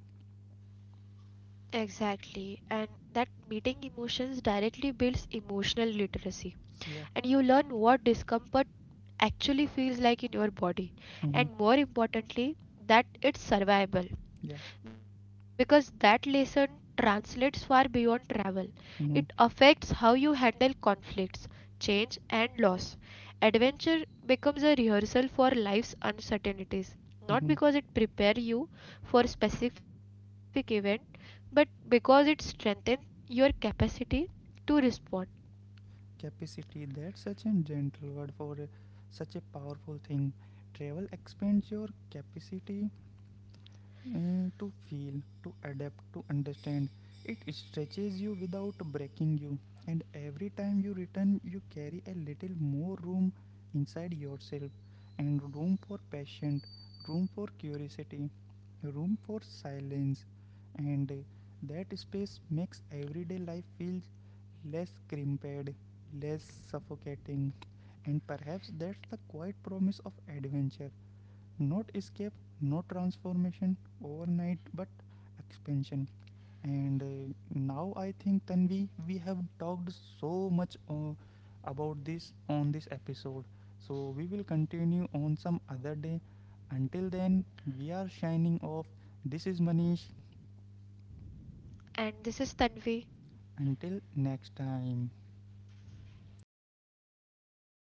Exactly, and that meeting emotions directly builds emotional literacy. Yeah. And you learn what discomfort actually feels like in your body, Mm-hmm. and more importantly, that it's survivable Yeah. because that lesson translates far beyond travel. It Mm-hmm. affects how you handle conflicts, change, and loss. Adventure becomes a rehearsal for life's uncertainties, not Mm-hmm. because it prepares you for a specific event, but because it strengthens your capacity to respond. Capacity, that's such a gentle word for a, such a powerful thing. Travel expands your capacity to feel, to adapt, to understand. It stretches you without breaking you, and every time you return, you carry a little more room inside yourself, and room for passion, room for curiosity, room for silence, and that space makes everyday life feel less crimped, less suffocating, and perhaps that's the quiet promise of adventure. Not escape, not transformation overnight, but expansion. And now I think, Tanvi, we have talked so much about this on this episode, so we will continue on some other day. Until then, we are shining off. This is Manish. And this is Tanvi. Until next time.